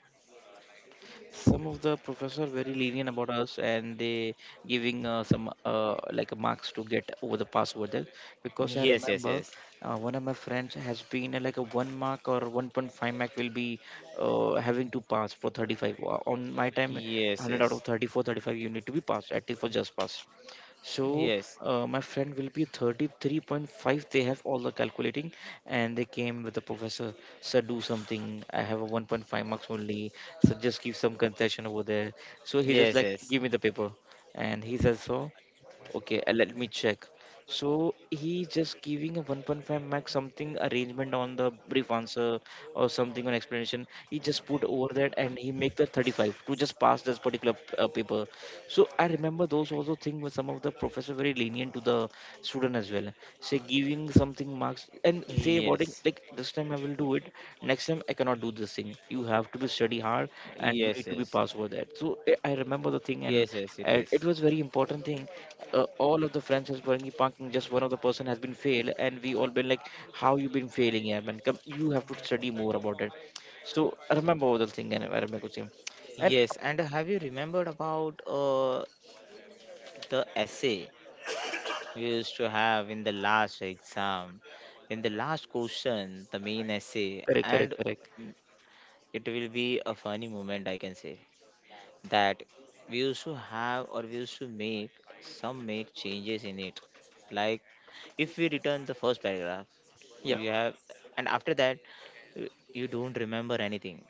S1: Some of the professors are very lenient about us, and they giving some like marks to get over the pass over there. Because I
S3: Yes, yes,
S1: remember
S3: yes,
S1: one of my friends has been like a one mark or 1.5 mark will be having to pass for 35. On my time, one
S3: yes,
S1: hundred out of
S3: yes,
S1: 34, 35, you need to be passed at least for just pass. So
S3: yes,
S1: my friend will be 33.5. They have all the calculating, and they came with the professor. Sir, do something. I have a 1.5 marks only. So just give some concession over there. So he just
S3: yes,
S1: like
S3: yes,
S1: give me the paper, and he says so. Okay, let me check. So he just giving a 1.5 max something arrangement on the brief answer or something on explanation. He just put over that and he make that 35 to just pass this particular paper. So I remember those also thing where some of the professor very lenient to the student as well. Say giving something
S3: yes,
S1: marks and say about it like this time I will do it, next time I cannot do this thing. You have to be study
S3: yes,
S1: hard
S3: yes,
S1: and you need to be pass for that. So I remember
S3: yes,
S1: the
S3: yes.
S1: thing
S3: It
S1: and
S3: is.
S1: it was very important thing. All of the friends was burning parking. Just one of the person has been failed and we all been like, how you been failing, yeah, man? Come, you have to study more about it. So I remember all the thing and I remember the thing. And
S3: Yes, and have you remembered about the essay we used to have in the last exam, in the last question, the main essay,
S1: correct, correct,
S3: and
S1: correct.
S3: it will be a funny moment, I can say, that we used to have or we used to make some make changes in it. Like if we return the first paragraph,
S1: Yeah.
S3: you have, and after that, you don't remember anything.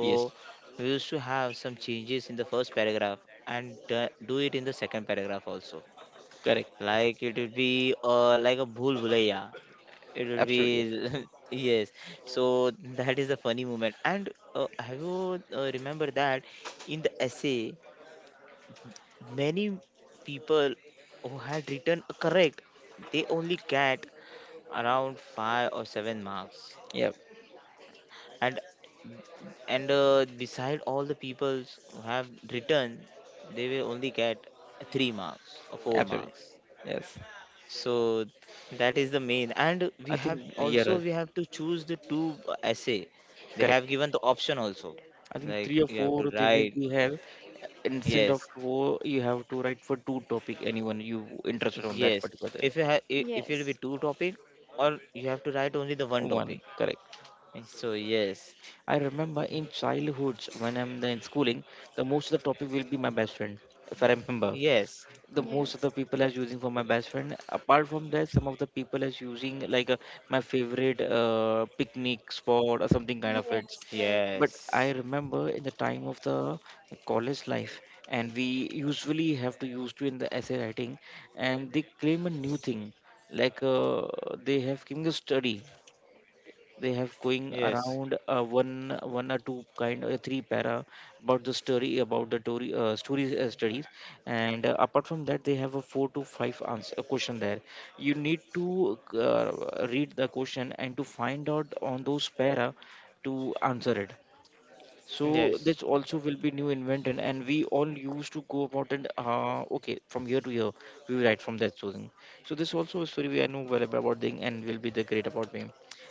S1: Yes.
S3: we used to have some changes in the first paragraph and do it in the second paragraph also,
S1: Correct.
S3: like it would be like a Bhool Bhulaiya. It would
S1: Absolutely, absolutely.
S3: be [LAUGHS] yes. So that is a funny moment. And have you remember that in the essay, many people who had written a correct, they only get around five or seven marks.
S1: Yep.
S3: And and beside all the people who have written, they will only get three marks or four
S1: Absolutely.
S3: marks.
S1: Yes.
S3: So that is the main, and we
S1: I
S3: have
S1: think you're
S3: also, we have to choose the two essay. They
S1: correct.
S3: have given the option also,
S1: I think three
S3: like
S1: or
S3: you have to
S1: four they will
S3: write.
S1: be have instead of
S3: Yes,
S1: four you have to write for two topic anyone you interested on that
S3: yes,
S1: particular
S3: if you have, if it will be
S2: Yes.
S3: two topic or you have to write only the one
S1: one,
S3: topic.
S1: correct.
S3: So yes,
S1: I remember in childhoods when in schooling the most of the topic will be my best friend if I remember,
S3: yes,
S1: the most of
S2: Yes.
S1: the people as using for my best friend. Apart from that some of the people as using like my favorite picnic spot or something kind of it.
S2: Yes, right.
S1: But I
S3: yes,
S1: remember in the time of the college life and we usually have to use to in the essay writing, and they claim a new thing like they have given a study. They have going
S3: yes,
S1: around one or two kind of three para about the story, about the story, stories, studies. And apart from that they have a four to five answer a question there. You need to read the question and to find out on those para to answer it. So
S3: yes,
S1: this also will be new invention and we all used to go about it, okay, from year to year we will write from that story. So this also a story we I know well about thing and will be the great about me.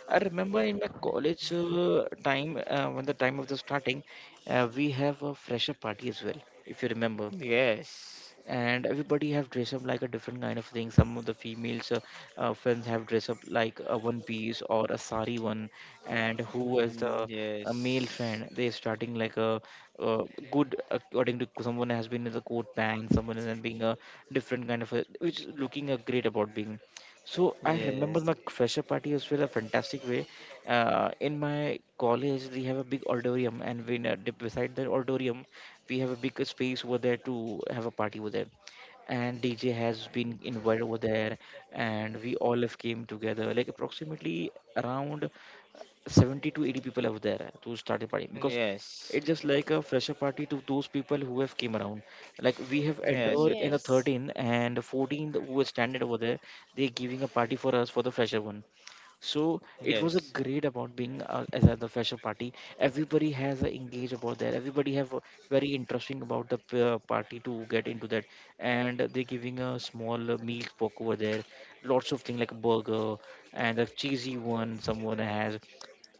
S1: I remember in my college time when the time of the starting, we have a fresher party as well, if you remember.
S3: yes.
S1: And everybody have dressed up like a different kind of thing. Some of the females friends have dressed up like a one piece or a sari one. And who is the
S3: Mm,
S1: a male
S3: yes,
S1: friend, they're starting like a, uh good, according to someone has been in the coat pants, someone is being a different kind of a, which is looking a great about being. So I remember
S3: yes,
S1: my fresher party was well a fantastic way. In my college they have a big auditorium, and when beside the auditorium we have a big space over there to have a party over there. And DJ has been invited over there, and we all have came together. Like approximately around 70 to 80 people over there to start the party, because
S3: yes,
S1: it's just like a fresher party to those people who have came around. Like we have
S3: yes,
S1: entered
S3: it
S1: in the
S3: is.
S2: Yes.
S1: 13th and 14th who were standing over there. They're giving a party for us for the fresher one, so it was a
S3: Yes,
S1: great about being as at the fashion party. Everybody has a engaged about that. Everybody have a very interesting about the party to get into that, and they're giving a small meal poke over there. Lots of things like a burger and a cheesy one someone has.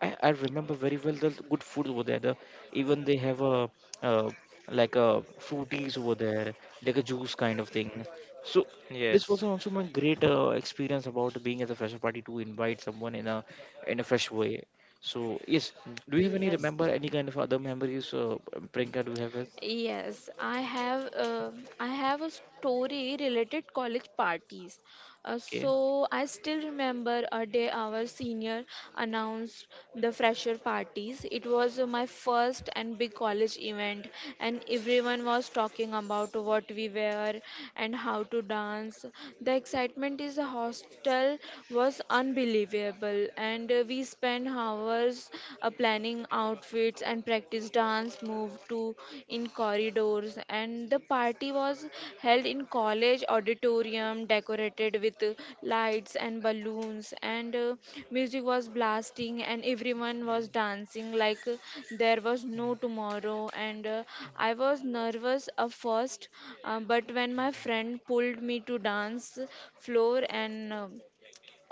S1: I remember very well the good food over there. The, even they have a uh, like a fruities over there, like a juice kind of thing. So this
S3: yes.
S1: was also my great experience about being as a fresher party to invite someone in a, in a fresh way. So yes, do you have any remember any kind of other memories, Priyanka? Do you have it?
S2: Yes, I have a story related college parties.
S1: Okay.
S2: So I still remember a day our senior announced the fresher parties. It was my first and big college event, and everyone was talking about what we wear and how to dance. The excitement in the hostel was unbelievable, and we spent hours rehearse planning outfits and practice dance move to in corridors. And the party was held in college auditorium, decorated with lights and balloons. And music was blasting, and everyone was dancing like there was no tomorrow. And I was nervous at first, but when my friend pulled me to dance floor and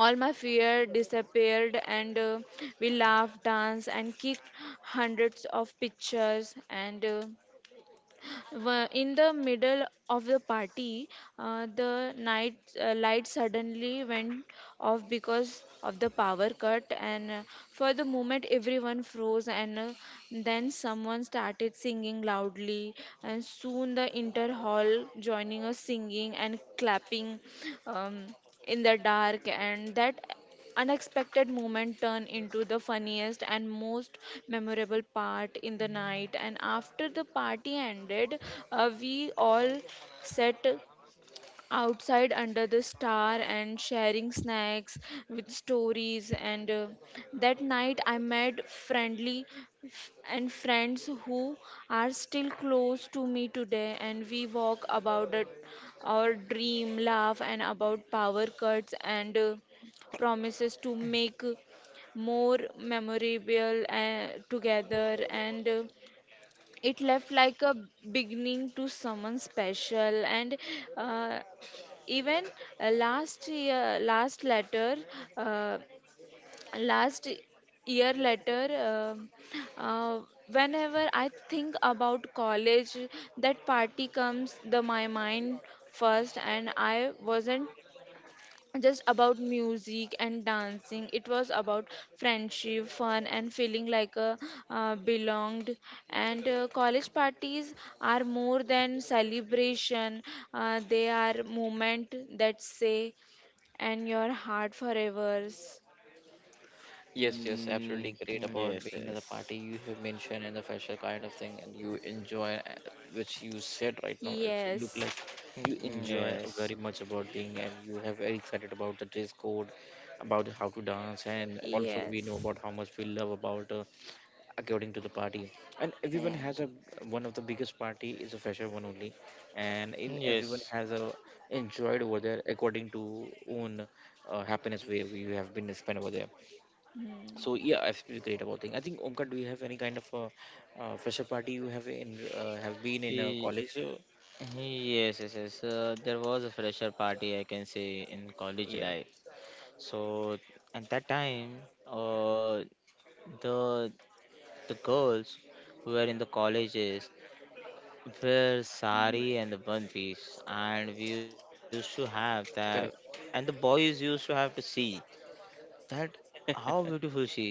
S2: all my fear disappeared. And we laughed, danced, and kicked hundreds of pictures. And in the middle of the party, the night light suddenly went off because of the power cut. And for the moment, everyone froze. And then someone started singing loudly. And soon, the inter hall joining us singing and clapping. Um, in the dark, and that unexpected moment turn into the funniest and most memorable part in the night. And after the party ended, we all sat outside under the star and sharing snacks with stories. And that night I met friendly f- and friends who are still close to me today. And we walk about it, our dream laugh, and about power cuts, and promises to make more memorable together. And it left like a beginning to someone special. And uh, even last year last letter uh, last year letter, uh, whenever I think about college, that party comes the my mind first. And I wasn't just about music and dancing, it was about friendship, fun, and feeling like a belonged. And college parties are more than celebration, they are moment that say and your heart forever.
S1: Yes, yes,
S3: Mm,
S1: absolutely great about
S3: yes,
S1: being at the
S3: yes.
S1: party you have mentioned and the fashion kind of thing, and you enjoy, which you said right now. It's look
S2: Yes.
S1: like
S3: Mm,
S1: you
S3: mm,
S1: enjoy
S3: yes.
S1: very much about being, and you have very excited about the dress code, about how to dance, and also we know
S2: Yes.
S1: about how much we love about according to the party. And
S2: Yeah.
S1: everyone has a one of the biggest party is a fresher one only. And in,
S3: Mm,
S1: everyone
S3: yes.
S1: has a enjoyed over there according to own happiness way we have been spent over there. So
S2: Hmm.
S1: yeah, I feel great about thing. I think Omkar, do you have any kind of a fresher party you have in have been in a
S3: He,
S1: college
S3: yes, yes, yes. There was a fresher party, I can say, in college
S1: yeah,
S3: life. So at that time, uh, the the girls who were in the colleges wear sari and the one piece, and we used to have that, and
S1: correct,
S3: the boys used to have to see that how beautiful she is.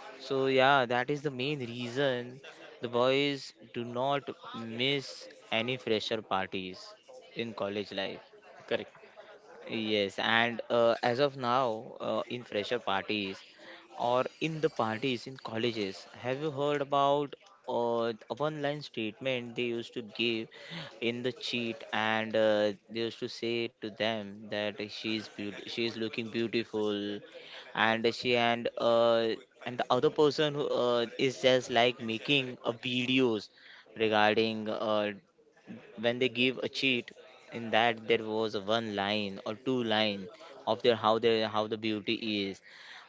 S3: So yeah, that is the main reason the boys do not miss any fresher parties in college life.
S1: correct.
S3: Yes, and as of now, in fresher parties or in the parties in colleges, have you heard about a one-line statement they used to give in the cheat, and they used to say to them that she's beaut- she is looking beautiful, and she and the other person who is just like making a videos regarding when they give a cheat, in that there was one line or two line of their, how the beauty is,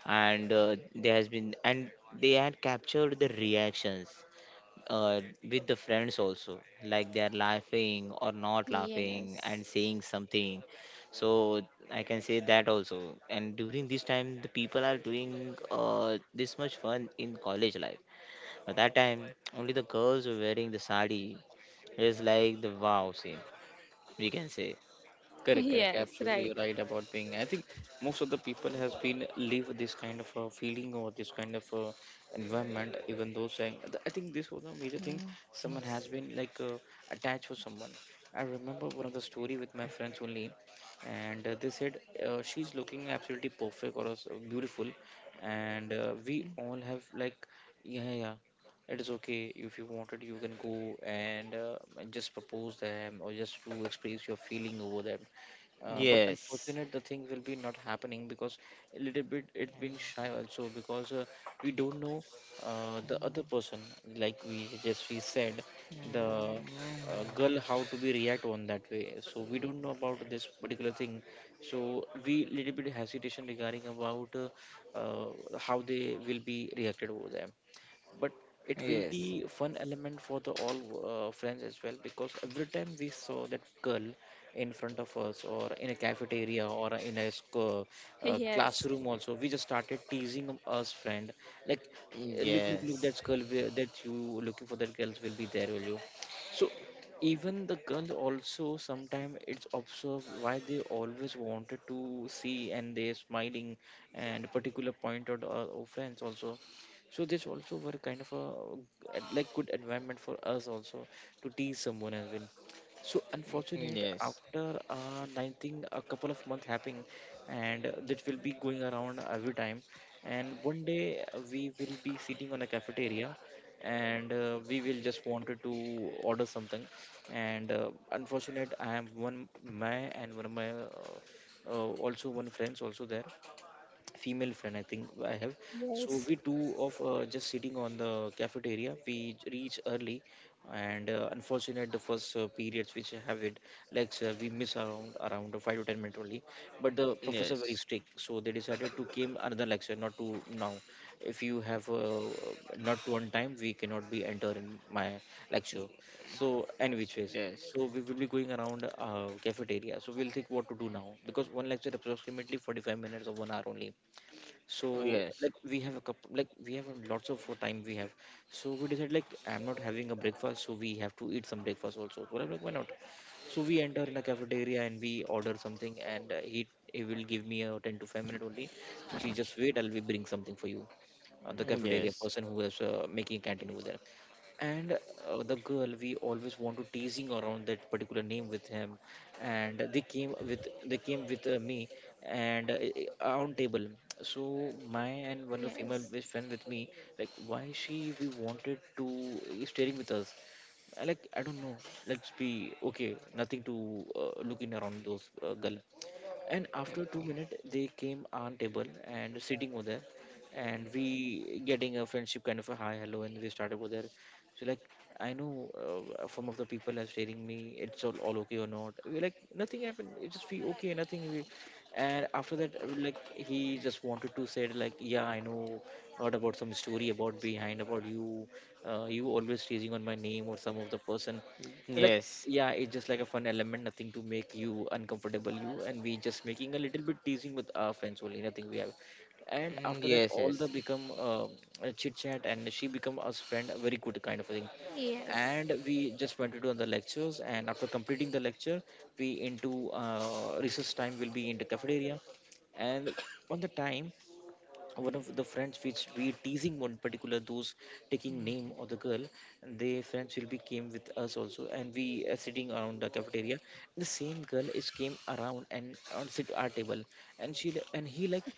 S3: and there has been, and they had captured the reactions uh, with the friends also, like they are laughing or not laughing
S2: Yes.
S3: and saying something. So I can say that also. And during this time the people are doing this much fun in college life. At that time only the girls were wearing the sari. It's like the wow scene, we can say.
S2: [LAUGHS]
S1: Correct, correct.
S2: Yes,
S1: Absolutely
S2: right.
S1: you're right about being. I think most of the people has been live this kind of feeling or this kind of environment. Even though saying, I think this was a major thing. Someone has been like attached for someone. I remember one of the story with my friends only, and they said she's looking absolutely perfect or else, beautiful, and we all have like, yeah, yeah, yeah, it is okay. If you wanted you can go and just propose them or just to express your feeling over them. But
S3: Yes.
S1: unfortunate the thing will be not happening, because a little bit it being shy also, because we don't know the other person, like we just we said the girl how to be react on that way, so we don't know about this particular thing. So we little bit hesitation regarding about uh, how they will be reacted over there. But it will
S3: Yes. Yes.
S1: be fun element for the all friends as well, because every time we saw that girl in front of us or in a cafeteria or in a
S2: yes
S1: classroom also, we just started teasing us friend like, "Eh, look look look
S3: Yes.
S1: that girl that you looking for, that girls will be there, will you?" So even the girls also sometime it's observed why they always wanted to see, and they smiling and particular point out our friends also. So this also were kind of a like good environment for us also to tease someone as well. So unfortunate
S3: Yes.
S1: after 19 a couple of months happening, and that will be going around every time. And one day we will be sitting on a cafeteria, and we will just wanted to order something. And unfortunate I am one my and one of my also one friends also there, female friend I think I have. So we two of just sitting on the cafeteria, we reach early. And unfortunate the first periods which have it, like we miss around 5 to 10 minutes only. But the professor very
S3: Yes.
S1: strict, so they decided to came another lecture not to now. If you have not to on time we cannot be enter in my lecture. So and which
S3: Yes.
S1: ways,
S3: Yes. Yes.
S1: so
S3: Yes.
S1: we will be going around cafeteria, so we'll think what to do now, because one lecture approximately 45 minutes or one hour only. So like we have a couple like we have a lots of time we have. So we decided like I'm not having a breakfast, so we have to eat some breakfast also, so I'm like why not? So we enter in a cafeteria and we order something, and he will give me a 10 to 5 minute only. She just wait, I'll be bring something for you. The cafeteria person who is making canteen over there. And the girl we always want to teasing around that particular name with him. And they came with me and on table. So my and one of the female
S2: yes
S1: best friend with me, like why she we wanted to is staring with us. I like I don't know, let's be okay, nothing to looking around those girl. And after 2 minutes they came on table and sitting over there, and we getting a friendship kind of a hi hello, and we started over there. So like I know some of the people are staring me, it's all okay or not, we're like nothing happened, it's just we okay nothing we. And after that like he just wanted to say like, yeah I know, heard about some story about behind about you, you always teasing on my name or some of the person. So like yeah, it's just like a fun element, nothing to make you uncomfortable. You and we just making a little bit teasing with our friends only, nothing we have. And
S3: Yes.
S1: after that,
S3: Yes.
S1: all the
S3: Yes.
S1: become a chit chat, and she become us friend, a very good kind of a thing.
S2: yes
S1: And we just went to do the lectures, and after completing the lecture, we into recess time will be in the cafeteria. And on the time one of the friends which we teasing one particular those taking name of the girl, and their friends will be came with us also, and we are sitting around the cafeteria. The same girl is came around and on sit our table, and he like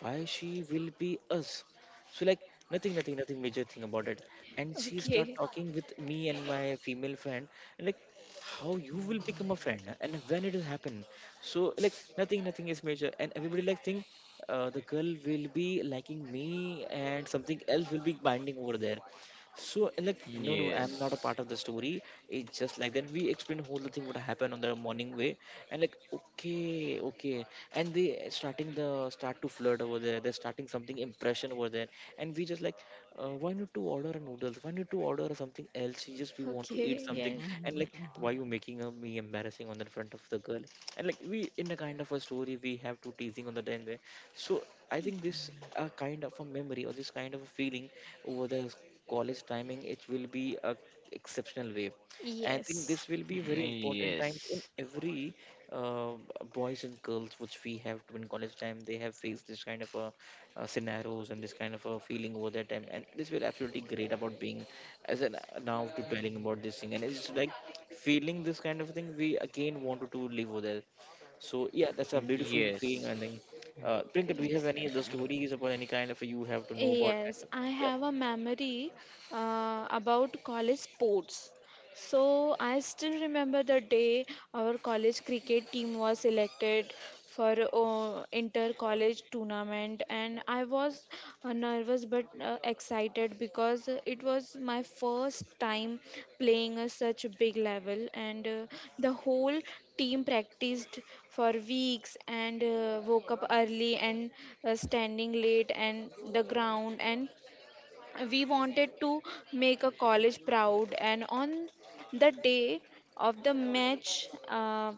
S1: why she will be us. So like nothing, nothing, nothing major thing about it. And she start
S2: okay.
S1: talking with me and my female friend and like how you will become a friend and when it will happen. So like nothing is major. And everybody like think the girl will be liking me and something else will be binding over there. So like no no I'm not a part of the story. It's just like then we explain whole the thing what happened on the morning way and like okay okay and they starting the start to flirt over there. They're starting something impression over there and we just like why not to order a noodles? Why not to order something else? You just we want to eat
S2: Okay,
S1: something
S2: yes.
S1: and like why you making me embarrassing on the front of the girl and like we in a kind of a story we have to teasing on the end there, so I think this kind of a memory or this kind of a feeling over the college timing, it will be a exceptional way. I think
S2: Yes.
S1: this will be very important times in every uh, boys and girls which we have in college time. They have faced this kind of a, scenarios and this kind of a feeling over their time, and this will absolutely great about being as an now to telling about this thing, and it's like feeling this kind of thing. We again wanted to live over there. So yeah, that's a beautiful feeling,
S3: Yes.
S1: I think. Prinkat, do you have
S2: Yes.
S1: any other stories about any kind of you have to know about? Kind
S2: Yes,
S1: of,
S2: I
S1: yeah.
S2: have a memory about college sports. So I still remember the day our college cricket team was selected for inter-college tournament, and I was nervous but excited because it was my first time playing a such a big level. And the whole team practiced for weeks, and woke up early and standing late and the ground, and we wanted to make a college proud. And on the day of the match,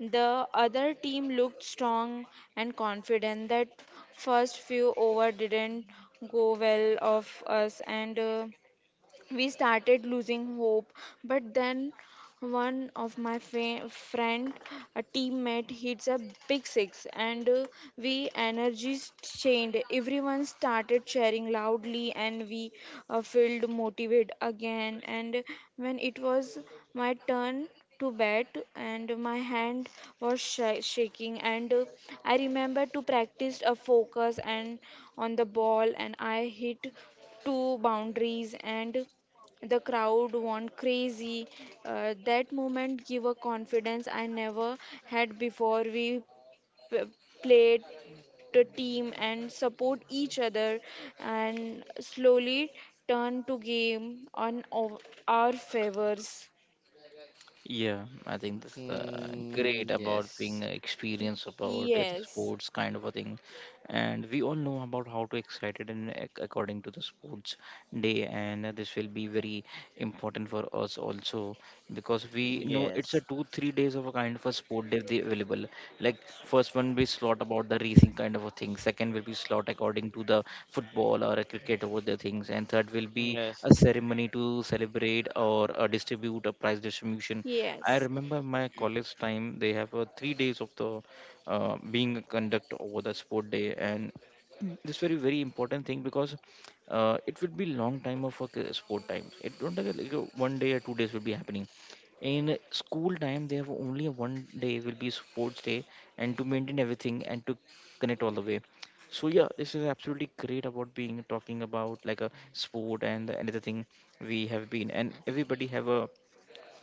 S2: the other team looked strong and confident. That first few over didn't go well of us, and we started losing hope. But then one of my friend, a teammate, hits a big six. And we energies changed, everyone started cheering loudly, and we felt motivated again. And when it was my turn to bat, and my hand was shaking. And I remember to practice a focus and on the ball, and I hit two boundaries, and the crowd went crazy. That moment gave a confidence I never had before. We p- played the team and support each other, and slowly turn to game on our favors.
S1: Yeah, I think this is
S3: Mm,
S1: great about
S3: yes.
S1: being experience about the
S2: Yes.
S1: sports kind of a thing, and we all know about how to excited and according to the sports day, and this will be very important for us also because
S3: Yes.
S1: we know it's
S3: Yes.
S1: a 2 3 days of a kind of a sport day they available. Like first one be slot about the racing kind of a thing, second will be slot according to the football or a cricket over the things, and third will be
S3: Yes.
S1: a ceremony to celebrate or distribute a prize distribution. I
S2: Yes.
S1: remember my college time. They have 3 days of the being conduct over the sport day, and this very very important thing because it would be long time of a sport times. It don't like one day or 2 days will be happening. In school time, they have only a one day will be sports day, and to maintain everything and to connect all the way. So yeah, this is absolutely great about being talking about like a sport and another thing we have been and everybody have a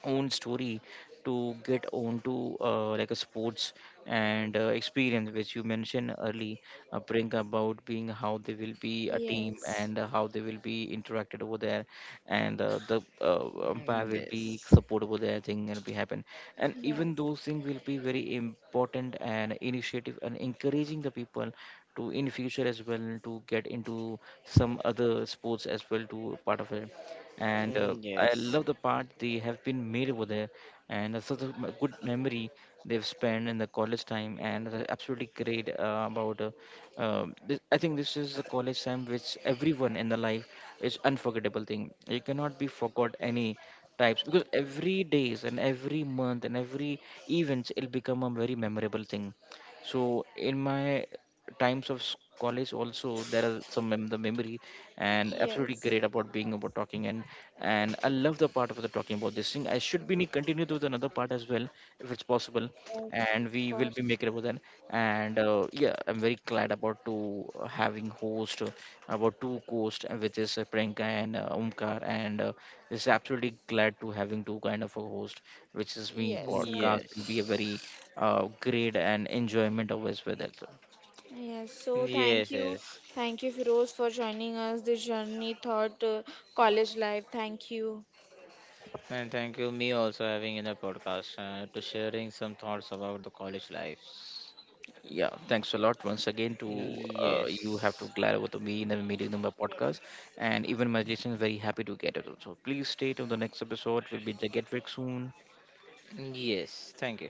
S1: own story to get on to like a sports and experience which you mentioned early bring about being how they will be a team
S2: Yes.
S1: and how they will be interacted over there and the umpire will be support over there thing will be happen and even
S2: Yes.
S1: those things will be very important and initiative and encouraging the people to in future as well to get into some other sports as well to part of it and I love the part they have been made over there, and it's such a good memory they've spent in the college time, and they absolutely great about. This, I think this is the college time which everyone in the life is unforgettable thing. You cannot be forgot any types because every days and every month and every events it'll become a very memorable thing so in my times of college also there are some the memory and absolutely
S2: Yes.
S1: great
S2: Yes,
S1: about being about talking and I love the part of the talking about this thing. I should be continue with another part as well if it's possible,
S2: of
S1: and we will be
S2: course.
S1: making about that. And yeah, I'm very glad about to having host about two hosts, which is Priyanka and Omkar, and this is absolutely glad to having two kind of a host, which is me.
S3: Yes.
S2: Yes, right.
S1: Podcast will be a very
S3: Yes.
S1: grade and enjoyment always with it. So,
S2: Yes, so thank
S3: Yes,
S2: you.
S3: yes.
S2: Thank you, Firoz, for joining us this journey thought college life. Thank you.
S3: And thank you, me also having in the podcast to sharing some thoughts about the college lives.
S1: yeah, thanks a lot once again to you have to
S3: Yes.
S1: glad over to me in the meeting number podcast, and even my listeners very happy to get it. So please stay till the next episode. We'll be the get back soon.
S3: Yes. Thank you.